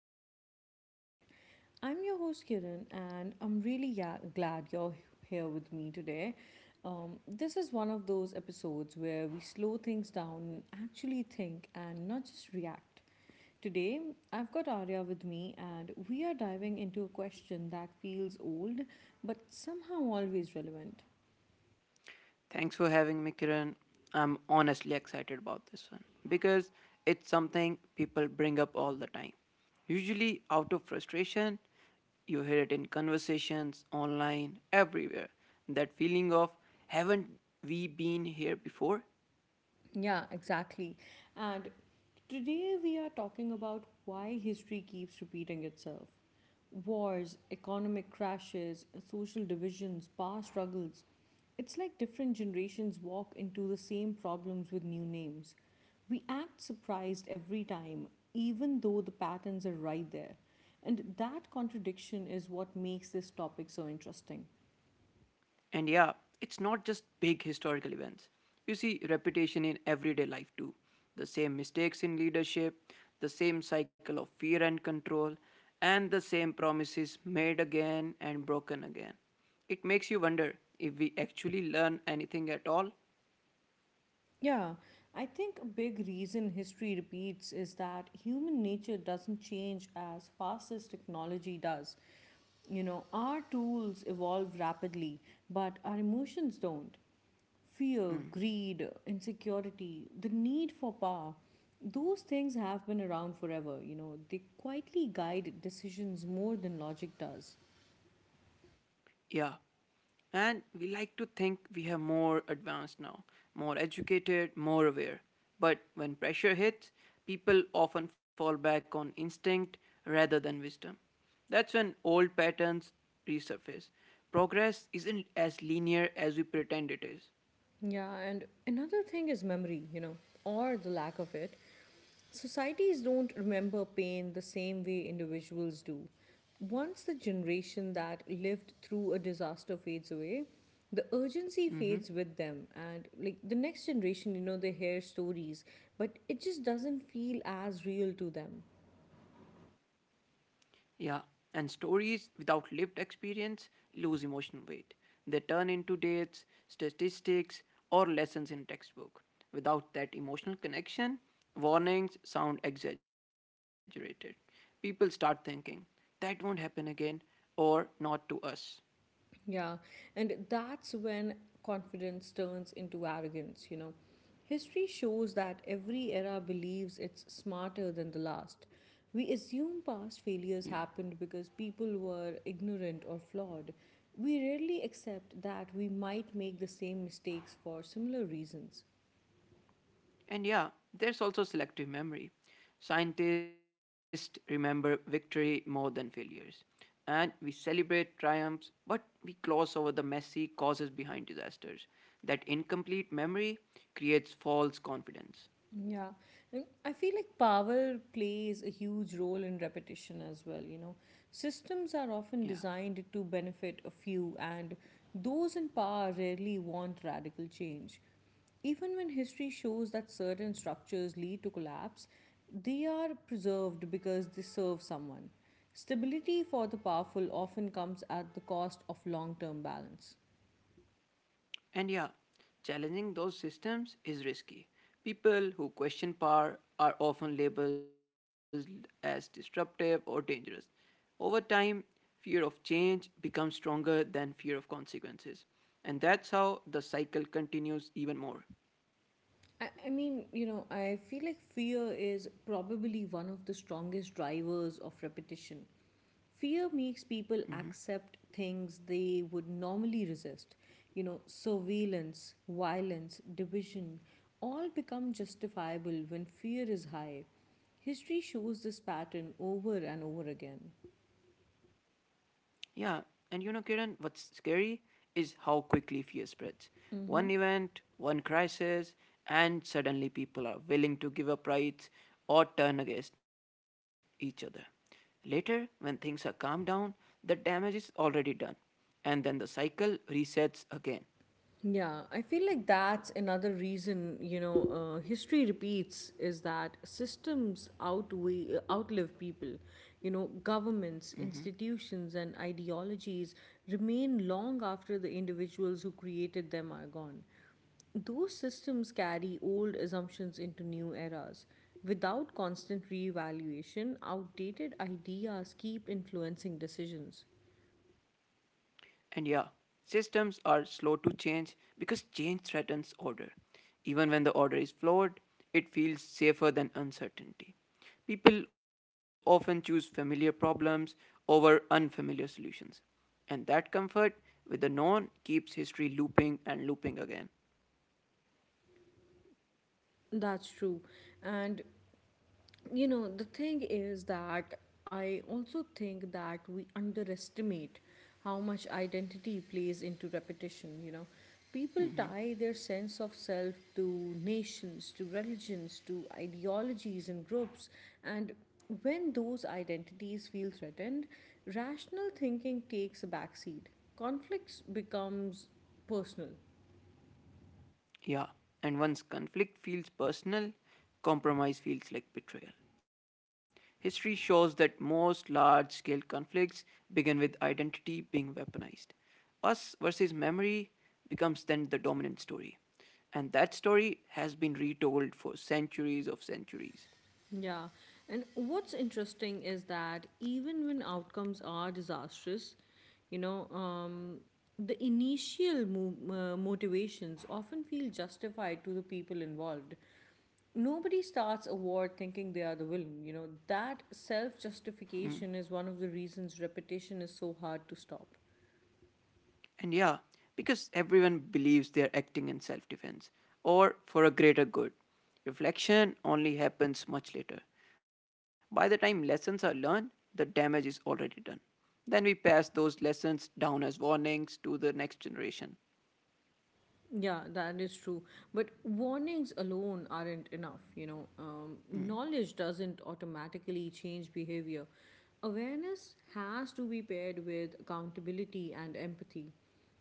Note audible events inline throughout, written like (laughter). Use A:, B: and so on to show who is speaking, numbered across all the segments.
A: the Open Mind Pod. I'm your host Kiran, and I'm really glad you're here with me today. This is one of those episodes where we slow things down and actually think and not just react. Today, I've got Arya with me, and we are diving into a question that feels old but somehow always relevant.
B: Thanks for having me, Kiran. I'm honestly excited about this one because it's something people bring up all the time. Usually out of frustration, you hear it in conversations, online, everywhere. That feeling of, haven't we been here before?
A: Yeah, exactly. And today we are talking about why history keeps repeating itself. Wars, economic crashes, social divisions, power struggles. It's like different generations walk into the same problems with new names. We act surprised every time, even though the patterns are right there. And that contradiction is what makes this topic so interesting.
B: And yeah, it's not just big historical events. You see repetition in everyday life too. The same mistakes in leadership, the same cycle of fear and control, and the same promises made again and broken again. It makes you wonder if we actually learn anything at all.
A: Yeah, I think a big reason history repeats is that human nature doesn't change as fast as technology does. Our tools evolve rapidly, but our emotions don't. Fear, greed, insecurity, the need for power, those things have been around forever. They quietly guide decisions more than logic does.
B: Yeah. And we like to think we are more advanced now, more educated, more aware. But when pressure hits, people often fall back on instinct rather than wisdom. That's when old patterns resurface. Progress isn't as linear as we pretend it is.
A: Yeah, and another thing is memory, or the lack of it. Societies don't remember pain the same way individuals do. Once the generation that lived through a disaster fades away, the urgency fades with them. And like the next generation, they hear stories, but it just doesn't feel as real to them.
B: Yeah, and stories without lived experience lose emotional weight. They turn into dates, statistics, or lessons in a textbook. Without that emotional connection, warnings sound exaggerated. People start thinking, that won't happen again, or not to us.
A: Yeah, and that's when confidence turns into arrogance. History shows that every era believes it's smarter than the last. We assume
B: Yeah.
A: past failures happened because people were ignorant or flawed. We rarely accept that we might make the same mistakes for similar reasons.
B: And yeah, there's also selective memory. Scientists remember victory more than failures. And we celebrate triumphs, but we gloss over the messy causes behind disasters. That incomplete memory creates false confidence.
A: Yeah, and I feel like power plays a huge role in repetition as well. Systems
B: Yeah.
A: are often designed to benefit a few, and those in power rarely want radical change. Even when history shows that certain structures lead to collapse, they are preserved because they serve someone. Stability for the powerful often comes at the cost of long term balance.
B: And yeah, challenging those systems is risky. People who question power are often labeled as disruptive or dangerous. Over time, fear of change becomes stronger than fear of consequences. And that's how the cycle continues even more.
A: I mean, I feel like fear is probably one of the strongest drivers of repetition. Fear makes
B: Mhm.
A: people accept things they would normally resist. Surveillance, violence, division all become justifiable when fear is high. History shows this pattern over and over again.
B: Yeah, Kiran, what's scary is how quickly fear spreads. One event, one crisis, and suddenly people are willing to give up rights or turn against each other. Later, when things are calmed down, the damage is already done, and then the cycle resets again.
A: Yeah, I feel like that's another reason, history repeats is that systems outweigh, outlive people. Governments, institutions, and ideologies remain long after the individuals who created them are gone. Those systems carry old assumptions into new eras. Without constant reevaluation, outdated ideas keep influencing decisions.
B: And yeah, systems are slow to change because change threatens order. Even when the order is flawed, it feels safer than uncertainty. People often choose familiar problems over unfamiliar solutions. And that comfort with the known keeps history looping and looping again.
A: That's true. And the thing is that I also think that we underestimate how much identity plays into repetition. People
B: Mm.
A: tie their sense of self to nations, to religions, to ideologies, and groups. And when those identities feel threatened, rational thinking takes a backseat. Conflicts becomes personal.
B: Yeah, and once conflict feels personal, compromise feels like betrayal. History shows that most large scale conflicts begin with identity being weaponized. Us versus memory becomes then the dominant story, and that story has been retold for centuries of centuries.
A: Yeah. And what's interesting is that even when outcomes are disastrous, you know, um, the initial motivations often feel justified to the people involved. Nobody starts a war thinking they are the villain. That self
B: Mm.
A: justification is one of the reasons repetition is so hard to stop.
B: And yeah, because everyone believes they are acting in self defense or for a greater good. Reflection only happens much later. By the time lessons are learned, the damage is already done. Then we pass those lessons down as warnings to the next generation.
A: Yeah, that is true. But warnings alone aren't enough. Knowledge doesn't automatically change behavior. Awareness has to be paired with accountability and empathy.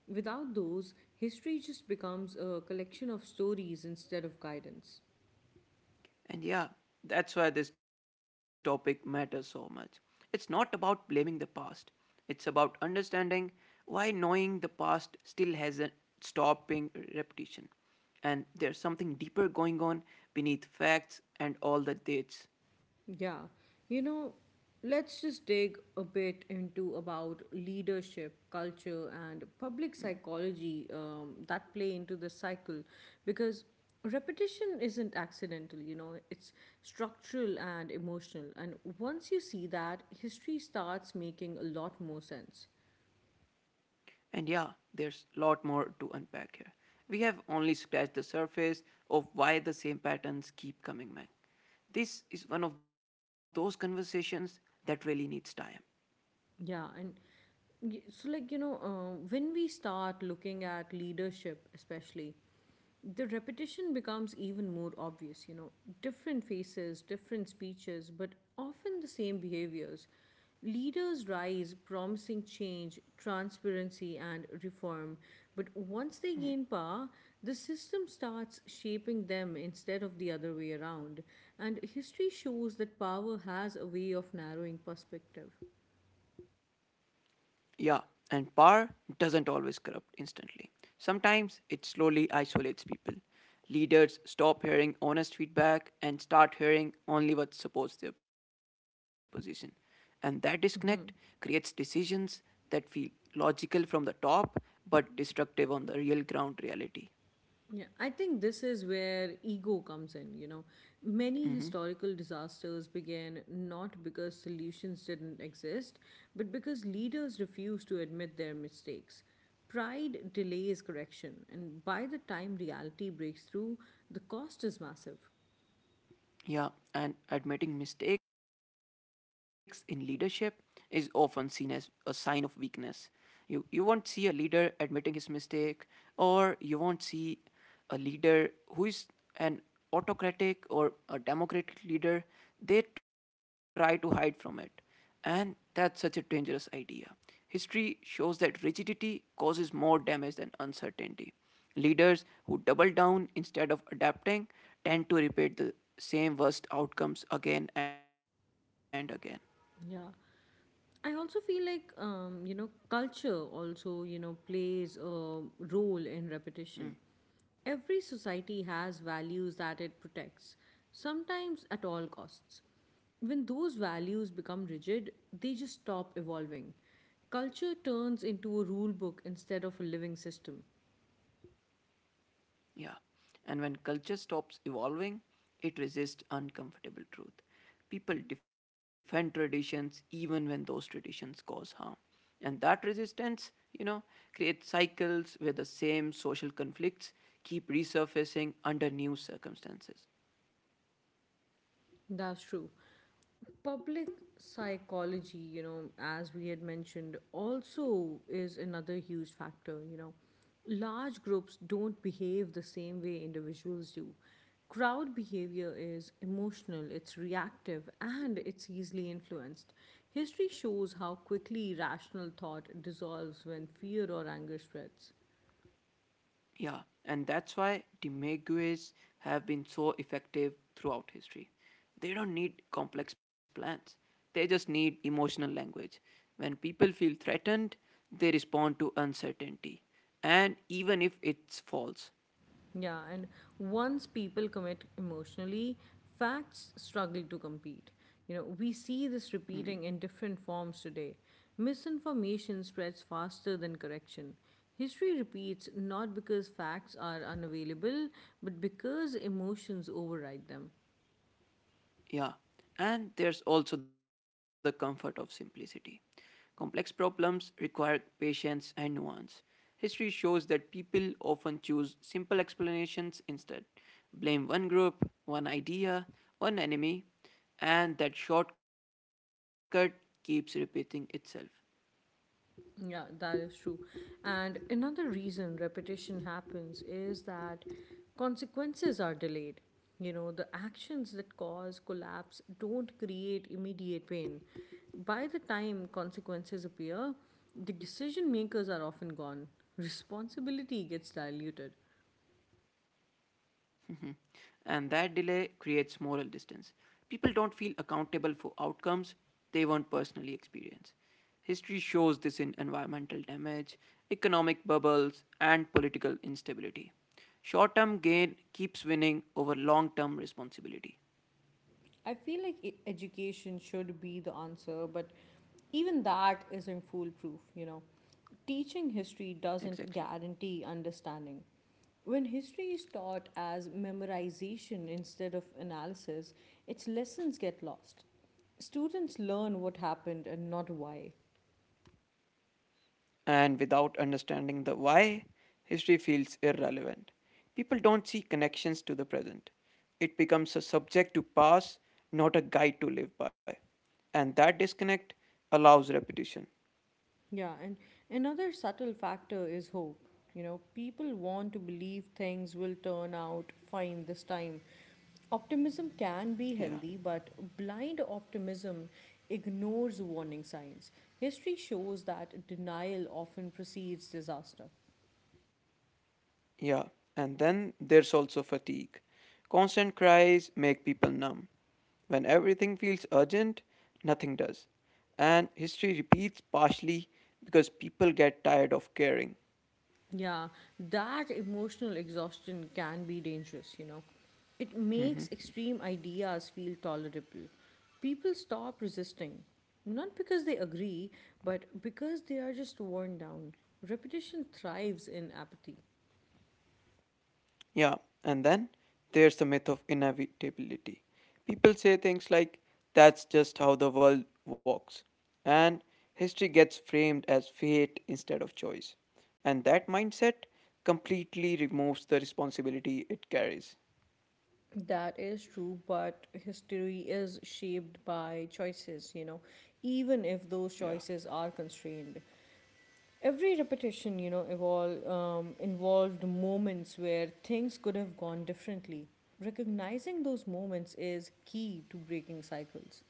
A: Without those, history just becomes a collection of stories instead of guidance.
B: And yeah, that's why this topic matters so much. It's not about blaming the past, it's about understanding why knowing the past still hasn't stopped being repetition. And there's something deeper going on beneath facts and all the dates.
A: Yeah. You know, let's just dig a bit into about leadership, culture, and public psychology that play into the cycle because repetition isn't accidental, it's structural and emotional. And once you see that, history starts making a lot more sense.
B: And yeah, there's a lot more to unpack here. We have only scratched the surface of why the same patterns keep coming back. This is one of those conversations that really needs time.
A: Yeah, and so, like, when we start looking at leadership, especially, the repetition becomes even more obvious, different faces, different speeches, but often the same behaviors. Leaders rise promising change, transparency, and reform, but once they gain power, the system starts shaping them instead of the other way around. And history shows that power has a way of narrowing perspective.
B: Yeah, and power doesn't always corrupt instantly. Sometimes it slowly isolates people. Leaders stop hearing honest feedback and start hearing only what supports their position. And that disconnect creates decisions that feel logical from the top but destructive on the real ground reality.
A: Yeah, I think this is where ego comes in. Many historical disasters began not because solutions didn't exist, but because leaders refused to admit their mistakes. Pride delays correction, and by the time reality breaks through, the cost is massive.
B: Yeah, and admitting mistakes in leadership is often seen as a sign of weakness. You won't see a leader admitting his mistake, or you won't see a leader who is an autocratic or a democratic leader. They try to hide from it. And that's such a dangerous idea. History shows that rigidity causes more damage than uncertainty. Leaders who double down instead of adapting tend to repeat the same worst outcomes again and again.
A: Yeah. I also feel like, culture also, plays a role in repetition. Every society has values that it protects, sometimes at all costs. When those values become rigid, they just stop evolving. Culture turns into a rule book instead of a living system.
B: Yeah. And when culture stops evolving, it resists uncomfortable truth. People defend traditions even when those traditions cause harm. And that resistance, you know, creates cycles where the same social conflicts keep resurfacing under new circumstances.
A: That's true. Public psychology, as we had mentioned, also is another huge factor. Large groups don't behave the same way individuals do. Crowd behavior is emotional, it's reactive, and it's easily influenced. History shows how quickly rational thought dissolves when fear or anger spreads.
B: Yeah, and that's why demagogues have been so effective throughout history. They don't need complex plans, they just need emotional language. When people feel threatened, they respond to uncertainty, and even if it's false.
A: Yeah, and once people commit emotionally, facts struggle to compete. We see this repeating in different forms today. Misinformation spreads faster than correction. History repeats not because facts are unavailable, but because emotions override them.
B: Yeah, and there's also the comfort of simplicity. Complex problems require patience and nuance. History shows that people often choose simple explanations instead, blame one group, one idea, one enemy, and that shortcut keeps repeating itself.
A: Yeah, that is true. And another reason repetition happens is that consequences are delayed. The actions that cause collapse don't create immediate pain. By the time consequences appear, the decision makers are often gone. Responsibility gets diluted.
B: Mhm. And that delay creates moral distance. People don't feel accountable for outcomes they won't personally experience. History shows this in environmental damage, economic bubbles, and political instability. Short term gain keeps winning over long term responsibility.
A: I feel like education should be the answer, but even that isn't foolproof. Teaching history doesn't
B: Exactly.
A: guarantee understanding. When history is taught as memorization instead of analysis, its lessons get lost. Students learn what happened and not why.
B: And without understanding the why, history feels irrelevant. People don't see connections to the present. It becomes a subject to pass, not a guide to live by. And that disconnect allows repetition.
A: Yeah, and another subtle factor is hope. People want to believe things will turn out fine this time. Optimism can be
B: Yeah,
A: healthy, but blind optimism ignores warning signs. History shows that denial often precedes disaster.
B: yeah. And then there's also fatigue. Constant cries make people numb. When everything feels urgent, nothing does. And history repeats partially because people get tired of caring.
A: Yeah, that emotional exhaustion can be dangerous. It makes
B: Mhm.
A: extreme ideas feel tolerable. People stop resisting, not because they agree, but because they are just worn down. Repetition thrives in apathy.
B: Yeah, and then there's the myth of inevitability. People say things like, that's just how the world walks. And history gets framed as fate instead of choice. And that mindset completely removes the responsibility it carries.
A: That is true, but history is shaped by choices, even if those
B: Yeah.
A: choices are constrained. Every repetition, evol involved moments where things could have gone differently. Recognizing those moments is key to breaking cycles.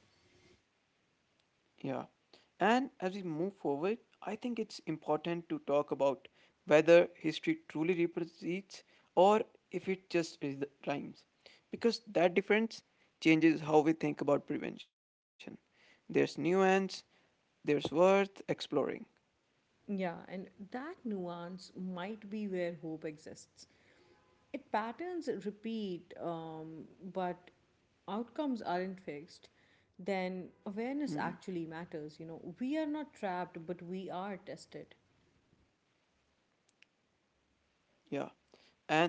B: Yeah. And as we move forward, I think it's important to talk about whether history truly represents, or if it just is the rhymes. Because that difference changes how we think about prevention. There's nuance, there's worth exploring.
A: Yeah, and that nuance might be where hope exists. It patterns repeat, but outcomes aren't fixed. Then awareness
B: Hmm.
A: actually matters. We are not trapped, but we are tested.
B: Yeah.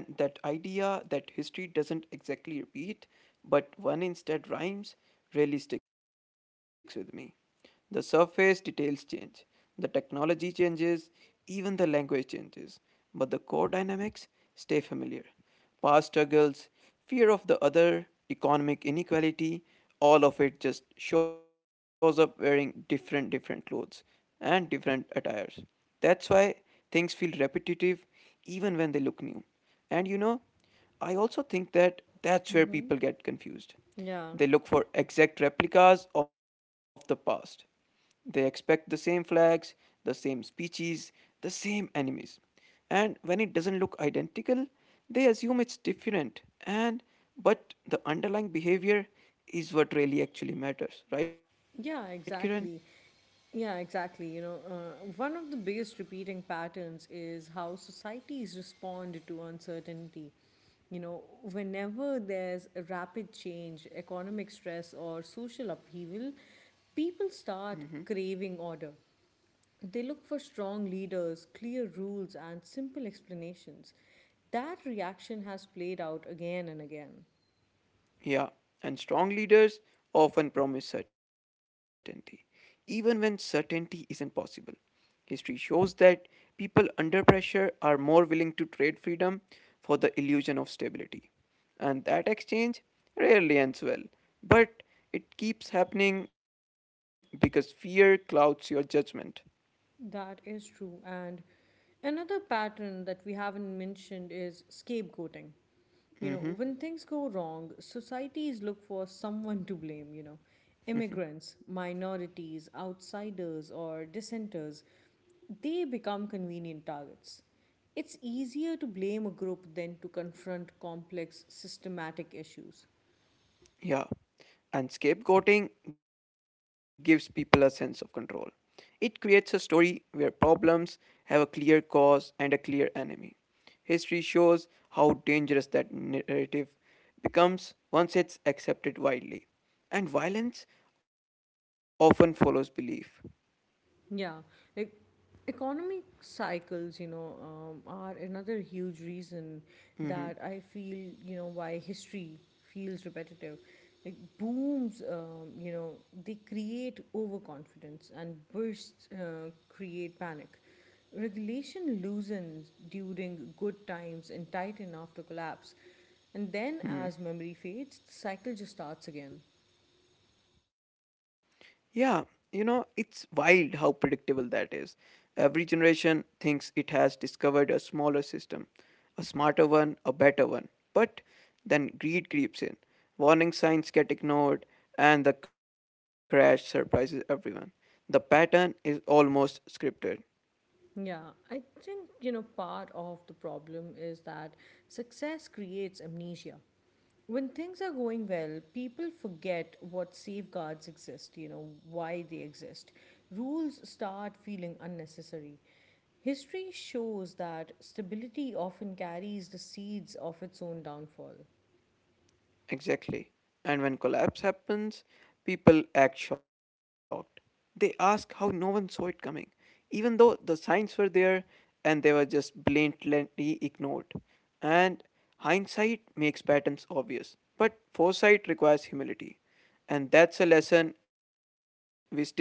B: And that idea that history doesn't exactly repeat, but one instead rhymes, really sticks with me. The surface details change, the technology changes, even the language changes, but the core dynamics stay familiar past struggles, fear of the other, economic inequality, all of it just shows up wearing different different clothes and different attires. That's why things feel repetitive even when they look new. And I also think that's where
A: Mm-hmm.
B: people get confused.
A: Yeah.
B: They look for exact replicas of the past. They expect the same flags, the same speeches, the same enemies, and when it doesn't look identical they assume it's different, and but the underlying behavior is what really actually matters, right, Kiran?
A: Yeah, exactly. Yeah, exactly. One of the biggest repeating patterns is how societies respond to uncertainty. You know, Whenever there's a rapid change, economic stress, or social upheaval, people
B: Mm-hmm.
A: start craving order. They look for strong leaders, clear rules, and simple explanations. That reaction has played out again and again.
B: Yeah, and strong leaders often promise certainty, even when certainty isn't possible. History shows that people under pressure are more willing to trade freedom for the illusion of stability. And that exchange rarely ends well, but it keeps happening because fear clouds your judgment.
A: That is true. And another pattern that we haven't mentioned is scapegoating. When things go
B: Mhm.
A: wrong, societies look for someone to blame, immigrants, minorities, outsiders, or dissenters. They become convenient targets. It's easier to blame a group than to confront complex systematic issues.
B: Yeah. And scapegoating gives people a sense of control. It creates a story where problems have a clear cause and a clear enemy. History shows how dangerous that narrative becomes once it's accepted widely. And violence often follows belief.
A: Yeah, e- economic cycles, are another huge reason that I feel,
B: Mm-hmm.
A: why history feels repetitive. Like booms, they create overconfidence, and bursts create panic. Regulation loosens during good times and tighten after collapse, and then as memory fades, the cycle just starts again.
B: Yeah, it's wild how predictable that is. Every generation thinks it has discovered a smaller system, a smarter one, a better one. But then greed creeps in, warning signs get ignored, and the crash surprises everyone. The pattern is almost scripted.
A: Yeah, I think, part of the problem is that success creates amnesia. When things are going well, people forget what safeguards exist, why they exist. Rules start feeling unnecessary. History shows that stability often carries the seeds of its own downfall.
B: Exactly. And when collapse happens, people act shocked. They ask how no one saw it coming, even though the signs were there and they were just blatantly ignored. And hindsight makes patterns obvious, but foresight requires humility. And that's a lesson we still struggle to learn.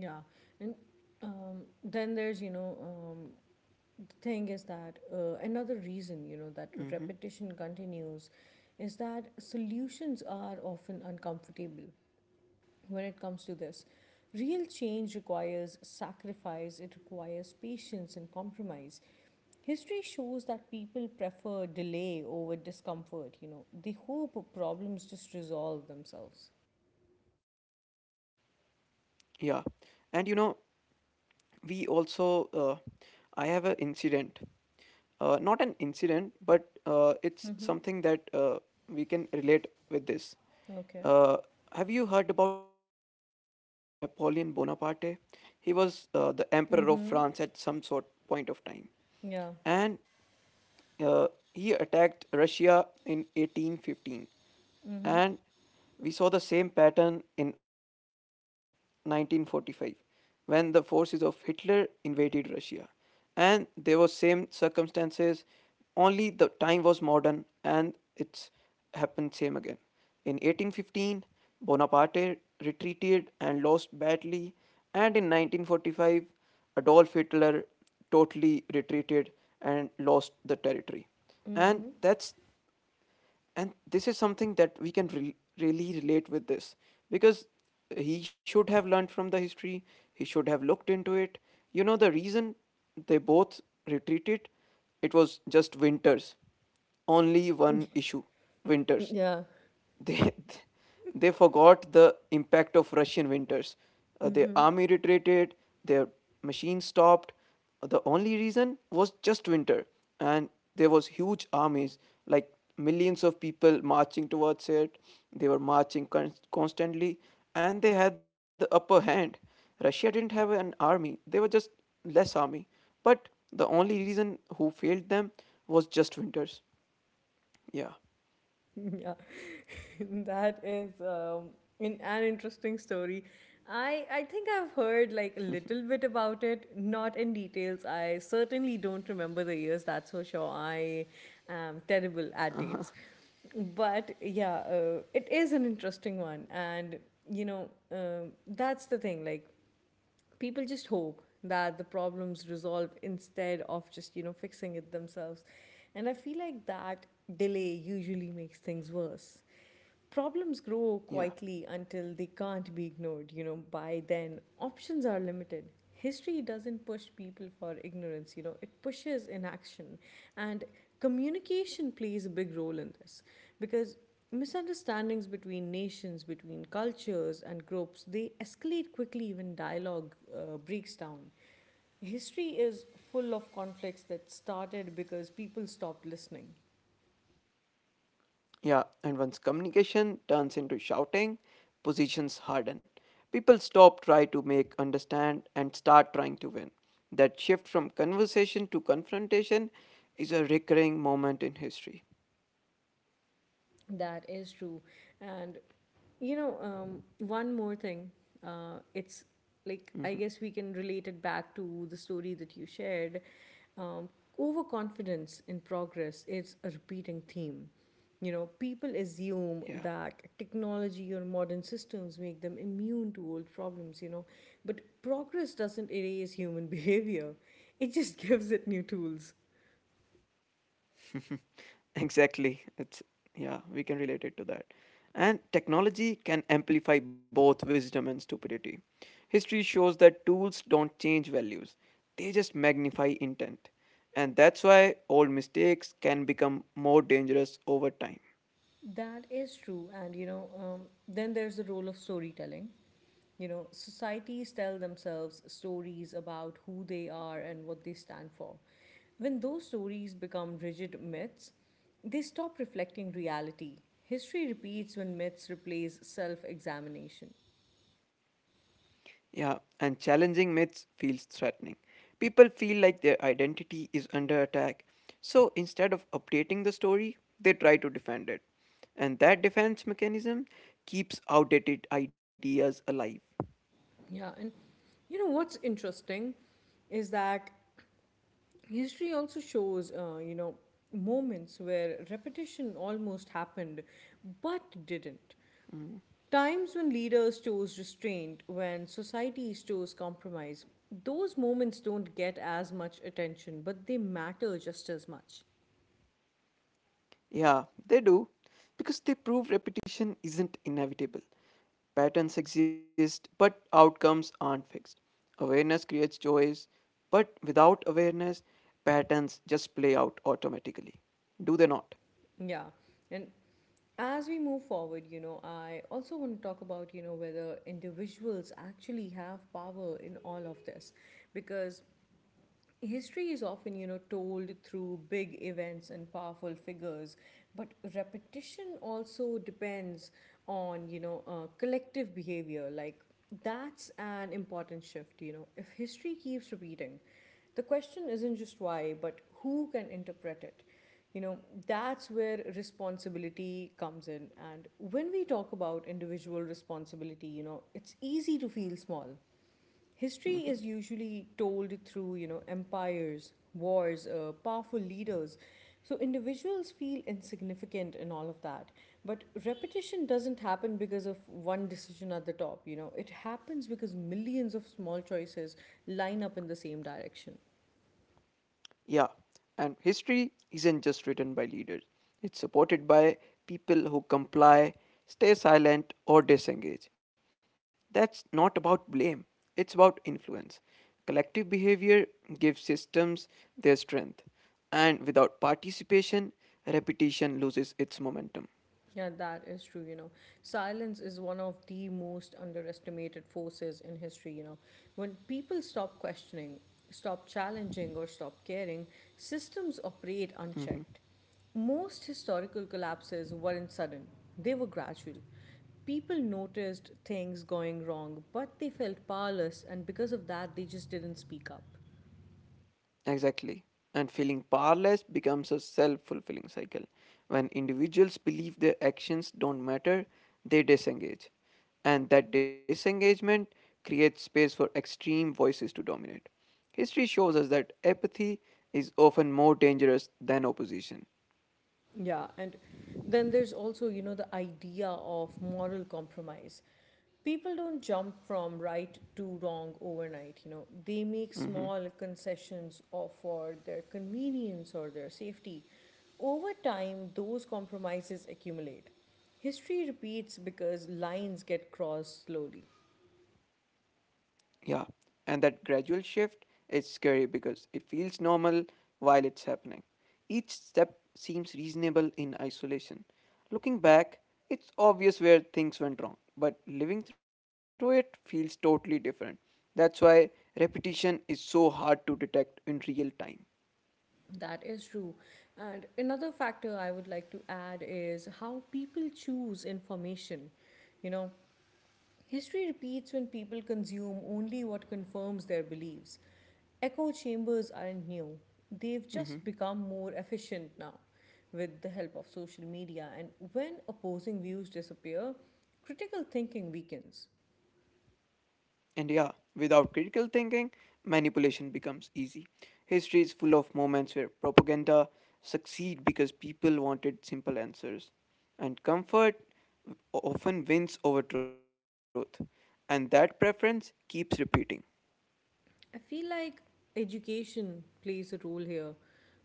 A: Yeah, and then there's, the thing is that another reason that
B: Hmm.
A: repetition continues is that solutions are often uncomfortable when it comes to this. Real change requires sacrifice, it requires patience and compromise. History shows that people prefer delay over discomfort. They hope problems just resolve themselves.
B: Yeah. And we also I have an incident, not an incident but it's something that we can relate with this.
A: Okay.
B: uh, have you heard about Napoleon Bonaparte? He was the emperor of France at some sort
A: Mm-hmm.
B: point of time. And
A: Yeah.
B: uh, he attacked Russia in 1815, and
A: Mm-hmm.
B: we saw the same pattern in 1945 when the forces of Hitler invaded Russia, and there were same circumstances. Only the time was modern, and it's happened same again. In 1815, Bonaparte retreated and lost badly, and in 1945, Adolf Hitler totally retreated and lost the territory. And that's, and this is something that we can really relate with this because he should have learned from the history, he should have looked into it. You know, the reason they both retreated, it was just winters, only one
A: Mm-hmm.
B: issue,
A: (laughs)
B: winters.
A: Yeah.
B: They (laughs) they forgot the impact of Russian winters. Their
A: Mm-hmm.
B: army retreated, their machines stopped. The only reason was just winter, and there was huge armies, like millions of people marching towards it. They were marching constantly, and they had the upper hand. Russia didn't have an army; they were just less army. But the only reason who failed them was just winters. Yeah,
A: Yeah, (laughs) that is in an interesting story. I think I've heard like a little bit about it, not in details. I certainly don't remember the years. That's for sure. I am terrible at dates, but yeah, it is an interesting one, and you know um that's the thing. Like people just hope that the problems resolve instead of just fixing it themselves, and I feel like that delay usually makes things worse. Problems grow
B: yeah.
A: quietly until they can't be ignored. By then options are limited. History doesn't push people for ignorance. It pushes inaction. And communication plays a big role in this because misunderstandings between nations, between cultures and groups, they escalate quickly when dialogue breaks down. History is full of conflicts that started because people stopped listening.
B: Yeah, and once communication turns into shouting, positions harden. People stop trying to make understand and start trying to win. That shift from conversation to confrontation is a recurring moment in history.
A: That is true. And, one more thing. It's like, I
B: Mhm.
A: guess we can relate it back to the story that you shared. Um, Overconfidence in progress is a repeating theme. You know, people assume
B: Yeah.
A: that technology or modern systems make them immune to old problems, you know, but progress doesn't erase human (laughs) behavior, it just gives it new tools.
B: (laughs) Exactly. It's yeah, we can relate it to that. And technology can amplify both wisdom and stupidity. History shows that tools don't change values, they just magnify intent. And that's why old mistakes can become more dangerous over time.
A: That is true. And, you know, then there's the role of storytelling. You know, societies tell themselves stories about who they are and what they stand for. When those stories become rigid myths, they stop reflecting reality. History repeats when myths replace self examination.
B: Yeah, and challenging myths feels threatening. People feel like their identity is under attack. So instead of updating the story, they try to defend it. And that defense mechanism keeps outdated ideas alive.
A: Yeah, and you know what's interesting is that history also shows, you know, moments where repetition almost happened but didn't. Times when leaders chose restraint, when societies chose compromise, those moments don't get as much attention, but they matter just as much.
B: Yeah, they do. Because they prove repetition isn't inevitable. Patterns exist, but outcomes aren't fixed. Awareness creates choice, but without awareness, patterns just play out automatically. Do they not?
A: Yeah. And as we move forward, you know, I also want to talk about, you know, whether individuals actually have power in all of this because history is often, you know, told through big events and powerful figures, but repetition also depends on, you know, collective behavior. Like that's an important shift, you know. If history keeps repeating, the question isn't just why, but who can interpret it. You know, that's where responsibility comes in. And when we talk about individual responsibility, you know, it's easy to feel small. History is usually told through, you know, empires, wars, powerful leaders. So individuals feel insignificant and all of that. But repetition doesn't happen because of one decision at the top, you know. It happens because millions of small choices line up in the same direction.
B: Yeah, and history isn't just written by leaders, it's supported by people who comply, stay silent, or disengage. That's not about blame, it's about influence. Collective behavior gives systems their strength, and without participation, repetition loses its momentum.
A: Yeah, that is true, you know. Silence is one of the most underestimated forces in history, you know. When people stop questioning, stop challenging, or stop caring, systems
B: Mhm.
A: operate unchecked. Most historical collapses weren't sudden, they were gradual. People noticed things going wrong, but they felt powerless, and because of that, they just didn't speak up.
B: Exactly. And feeling powerless becomes a self fulfilling cycle. When individuals believe their actions don't matter, they disengage. And that disengagement creates space for extreme voices to dominate. History shows us that apathy is often more dangerous than opposition.
A: Yeah, and then there's also, you know, the idea of moral compromise. People don't jump from right to wrong overnight, you know. They make
B: Mhm.
A: small concessions or for their convenience or their safety. Over time, those compromises accumulate. History repeats because lines get crossed slowly.
B: Yeah, and that gradual shift is scary because it feels normal while it's happening. Each step seems reasonable in isolation. Looking back, it's obvious where things went wrong, but living through it feels totally different. That's why repetition is so hard to detect in real time.
A: That is true. And another factor I would like to add is how people choose information. You know, history repeats when people consume only what confirms their beliefs. Echo chambers aren't new, they've just
B: Mhm.
A: become more efficient now with the help of social media. And when opposing views disappear, critical thinking weakens.
B: And yeah, without critical thinking, manipulation becomes easy. History is full of moments where propaganda succeed because people wanted simple answers. And comfort often wins over truth. And that preference keeps repeating.
A: I feel like education plays a role here,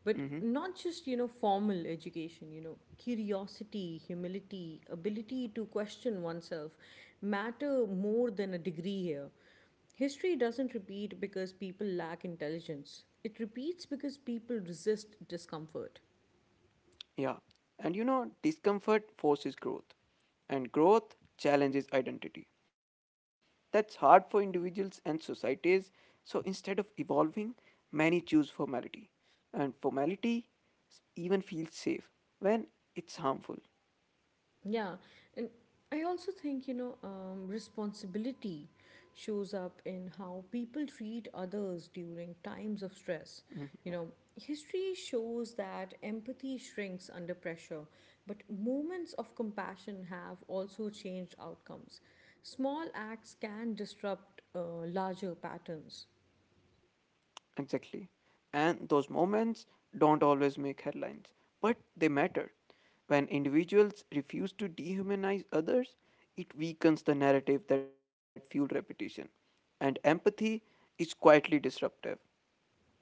A: but
B: Mhm.
A: not just, you know, formal education, you know, curiosity, humility, ability to question oneself matter more than a degree here. History doesn't repeat because people lack intelligence. It repeats because people resist discomfort.
B: Yeah. And discomfort forces growth, and growth challenges identity. That's hard for individuals and societies. So instead of evolving, many choose formality. And formality even feels safe when it's harmful.
A: Yeah, and I also think, you know, responsibility shows up in how people treat others during times of stress.
B: Hmm.
A: You know, history shows that empathy shrinks under pressure, but moments of compassion have also changed outcomes. Small acts can disrupt larger patterns.
B: Exactly. And those moments don't always make headlines, but they matter. When individuals refuse to dehumanize others, it weakens the narrative that fueled repetition. And empathy is quietly disruptive.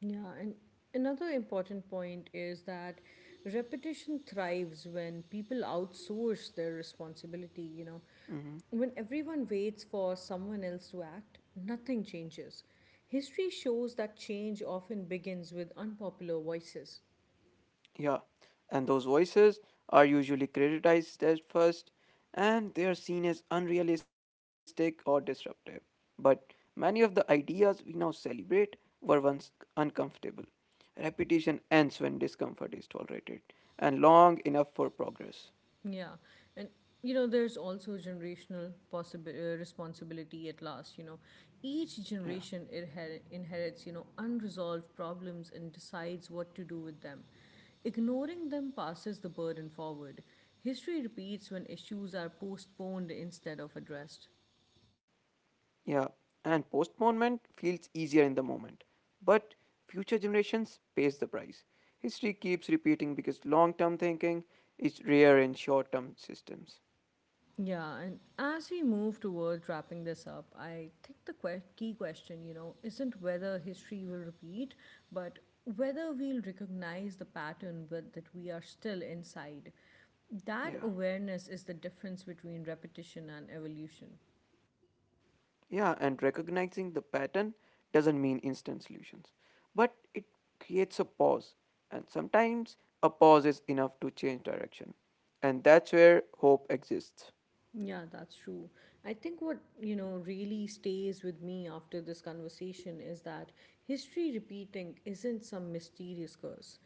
A: Yeah, and another important point is that repetition thrives when people outsource their responsibility, you know.
B: Mm-hmm.
A: When everyone waits for someone else to act, nothing changes. History shows that change often begins with unpopular voices.
B: Yeah, and those voices are usually criticized at first and they are seen as unrealistic or disruptive. But many of the ideas we now celebrate were once uncomfortable. Repetition ends when discomfort is tolerated and long enough for progress.
A: Yeah, and you know, there's also generational possible responsibility at last. You know,
B: Yeah.
A: each generation inherits you know unresolved problems and decides what to do with them. Ignoring them passes the burden forward. History repeats when issues are postponed instead of addressed.
B: Yeah, and postponement feels easier in the moment. But future generations pays the price. History keeps repeating because long term thinking is rare in short term systems.
A: Yeah, and as we move towards wrapping this up, I think the key question, you know, isn't whether history will repeat, but whether we'll recognize the pattern but that we are still inside. That
B: Yeah.
A: awareness is the difference between repetition and evolution.
B: Yeah, and recognizing the pattern doesn't mean instant solutions, but it creates a pause. And sometimes a pause is enough to change direction. And that's where hope exists.
A: Yeah, that's true. I think what, you know, really stays with me after this conversation is that history repeating isn't some mysterious curse.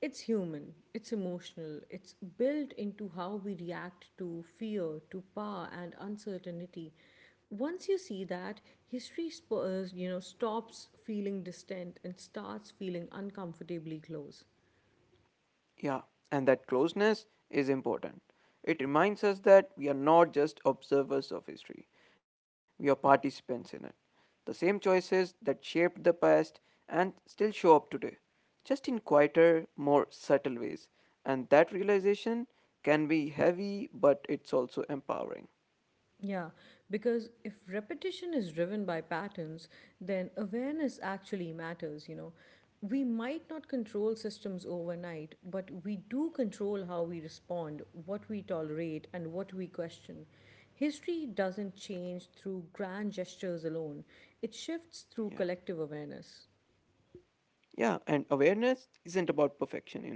A: It's human, it's emotional, it's built into how we react to fear, to power, and uncertainty. Once you see that, history spurs, you know, stops feeling distant and starts feeling uncomfortably close.
B: Yeah, and that closeness is important. It reminds us that we are not just observers of history, we are participants in it. The same choices that shaped the past and still show up today, just in quieter, more subtle ways. And that realization can be heavy, but it's also empowering.
A: Yeah, because if repetition is driven by patterns, then awareness actually matters, you know. We might not control systems overnight, but we do control how we respond, what we tolerate, and what we question. History doesn't change through grand gestures alone, it
B: Yeah.
A: shifts through collective awareness.
B: Yeah, and awareness isn't about perfection.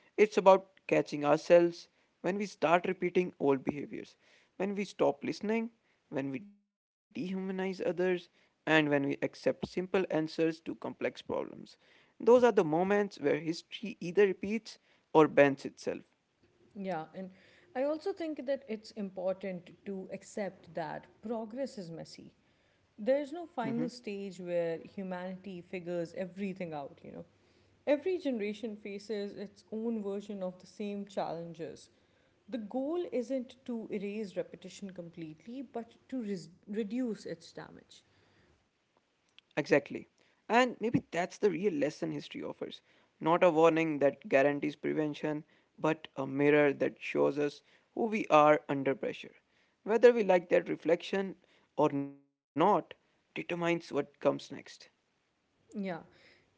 B: It's about catching ourselves when we start repeating old behaviors, when we stop listening, when we dehumanize others, and when we accept simple answers to complex problems. Those are the moments where history either repeats or bends itself.
A: Yeah, and I also think that it's important to accept that progress is messy. There's
B: Mm-hmm.
A: no final stage where humanity figures everything out, you know. Every generation faces its own version of the same challenges. The goal isn't to erase repetition completely, but to reduce its damage.
B: Exactly. And maybe that's the real lesson history offers. Not a warning that guarantees prevention, but a mirror that shows us who we are under pressure. Whether we like that reflection or not determines what comes next.
A: Yeah.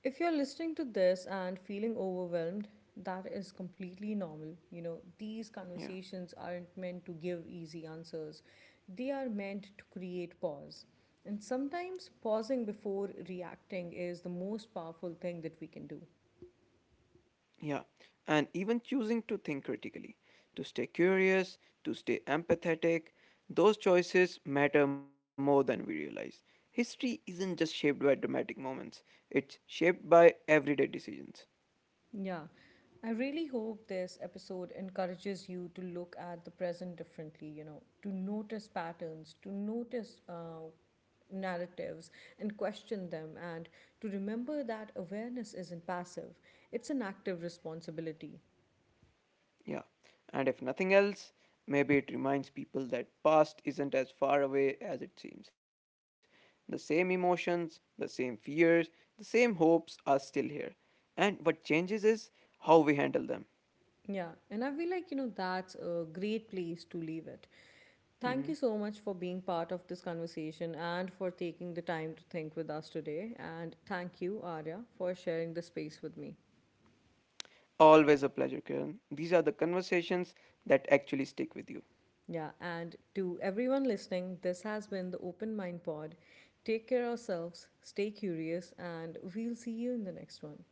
A: If you're listening to this and feeling overwhelmed, that is completely normal. You know, these
B: Yeah,
A: conversations aren't meant to give easy answers, they are meant to create pause. And sometimes pausing before reacting is the most powerful thing that we can do.
B: yeah. And even choosing to think critically, to stay curious, to stay empathetic, those choices matter more than we realize. History isn't just shaped by dramatic moments, it's shaped by everyday decisions.
A: Yeah, I really hope this episode encourages you to look at the present differently, you know, to notice patterns, to notice narratives and question them, and to remember that awareness isn't passive, it's an active responsibility.
B: Yeah. And if nothing else, maybe it reminds people that past isn't as far away as it seems. The same emotions, the same fears, the same hopes are still here. And what changes is how we handle them.
A: Yeah, and I feel like, you know, that's a great place to leave it. Thank you
B: Mhm.
A: so much for being part of this conversation and for taking the time to think with us today. And thank you, Arya, for sharing the space with me.
B: Always a pleasure, Kiran. These are the conversations that actually stick with you.
A: Yeah, and to everyone listening, this has been the Open Mind Pod. Take care ourselves, stay curious, and we'll see you in the next one.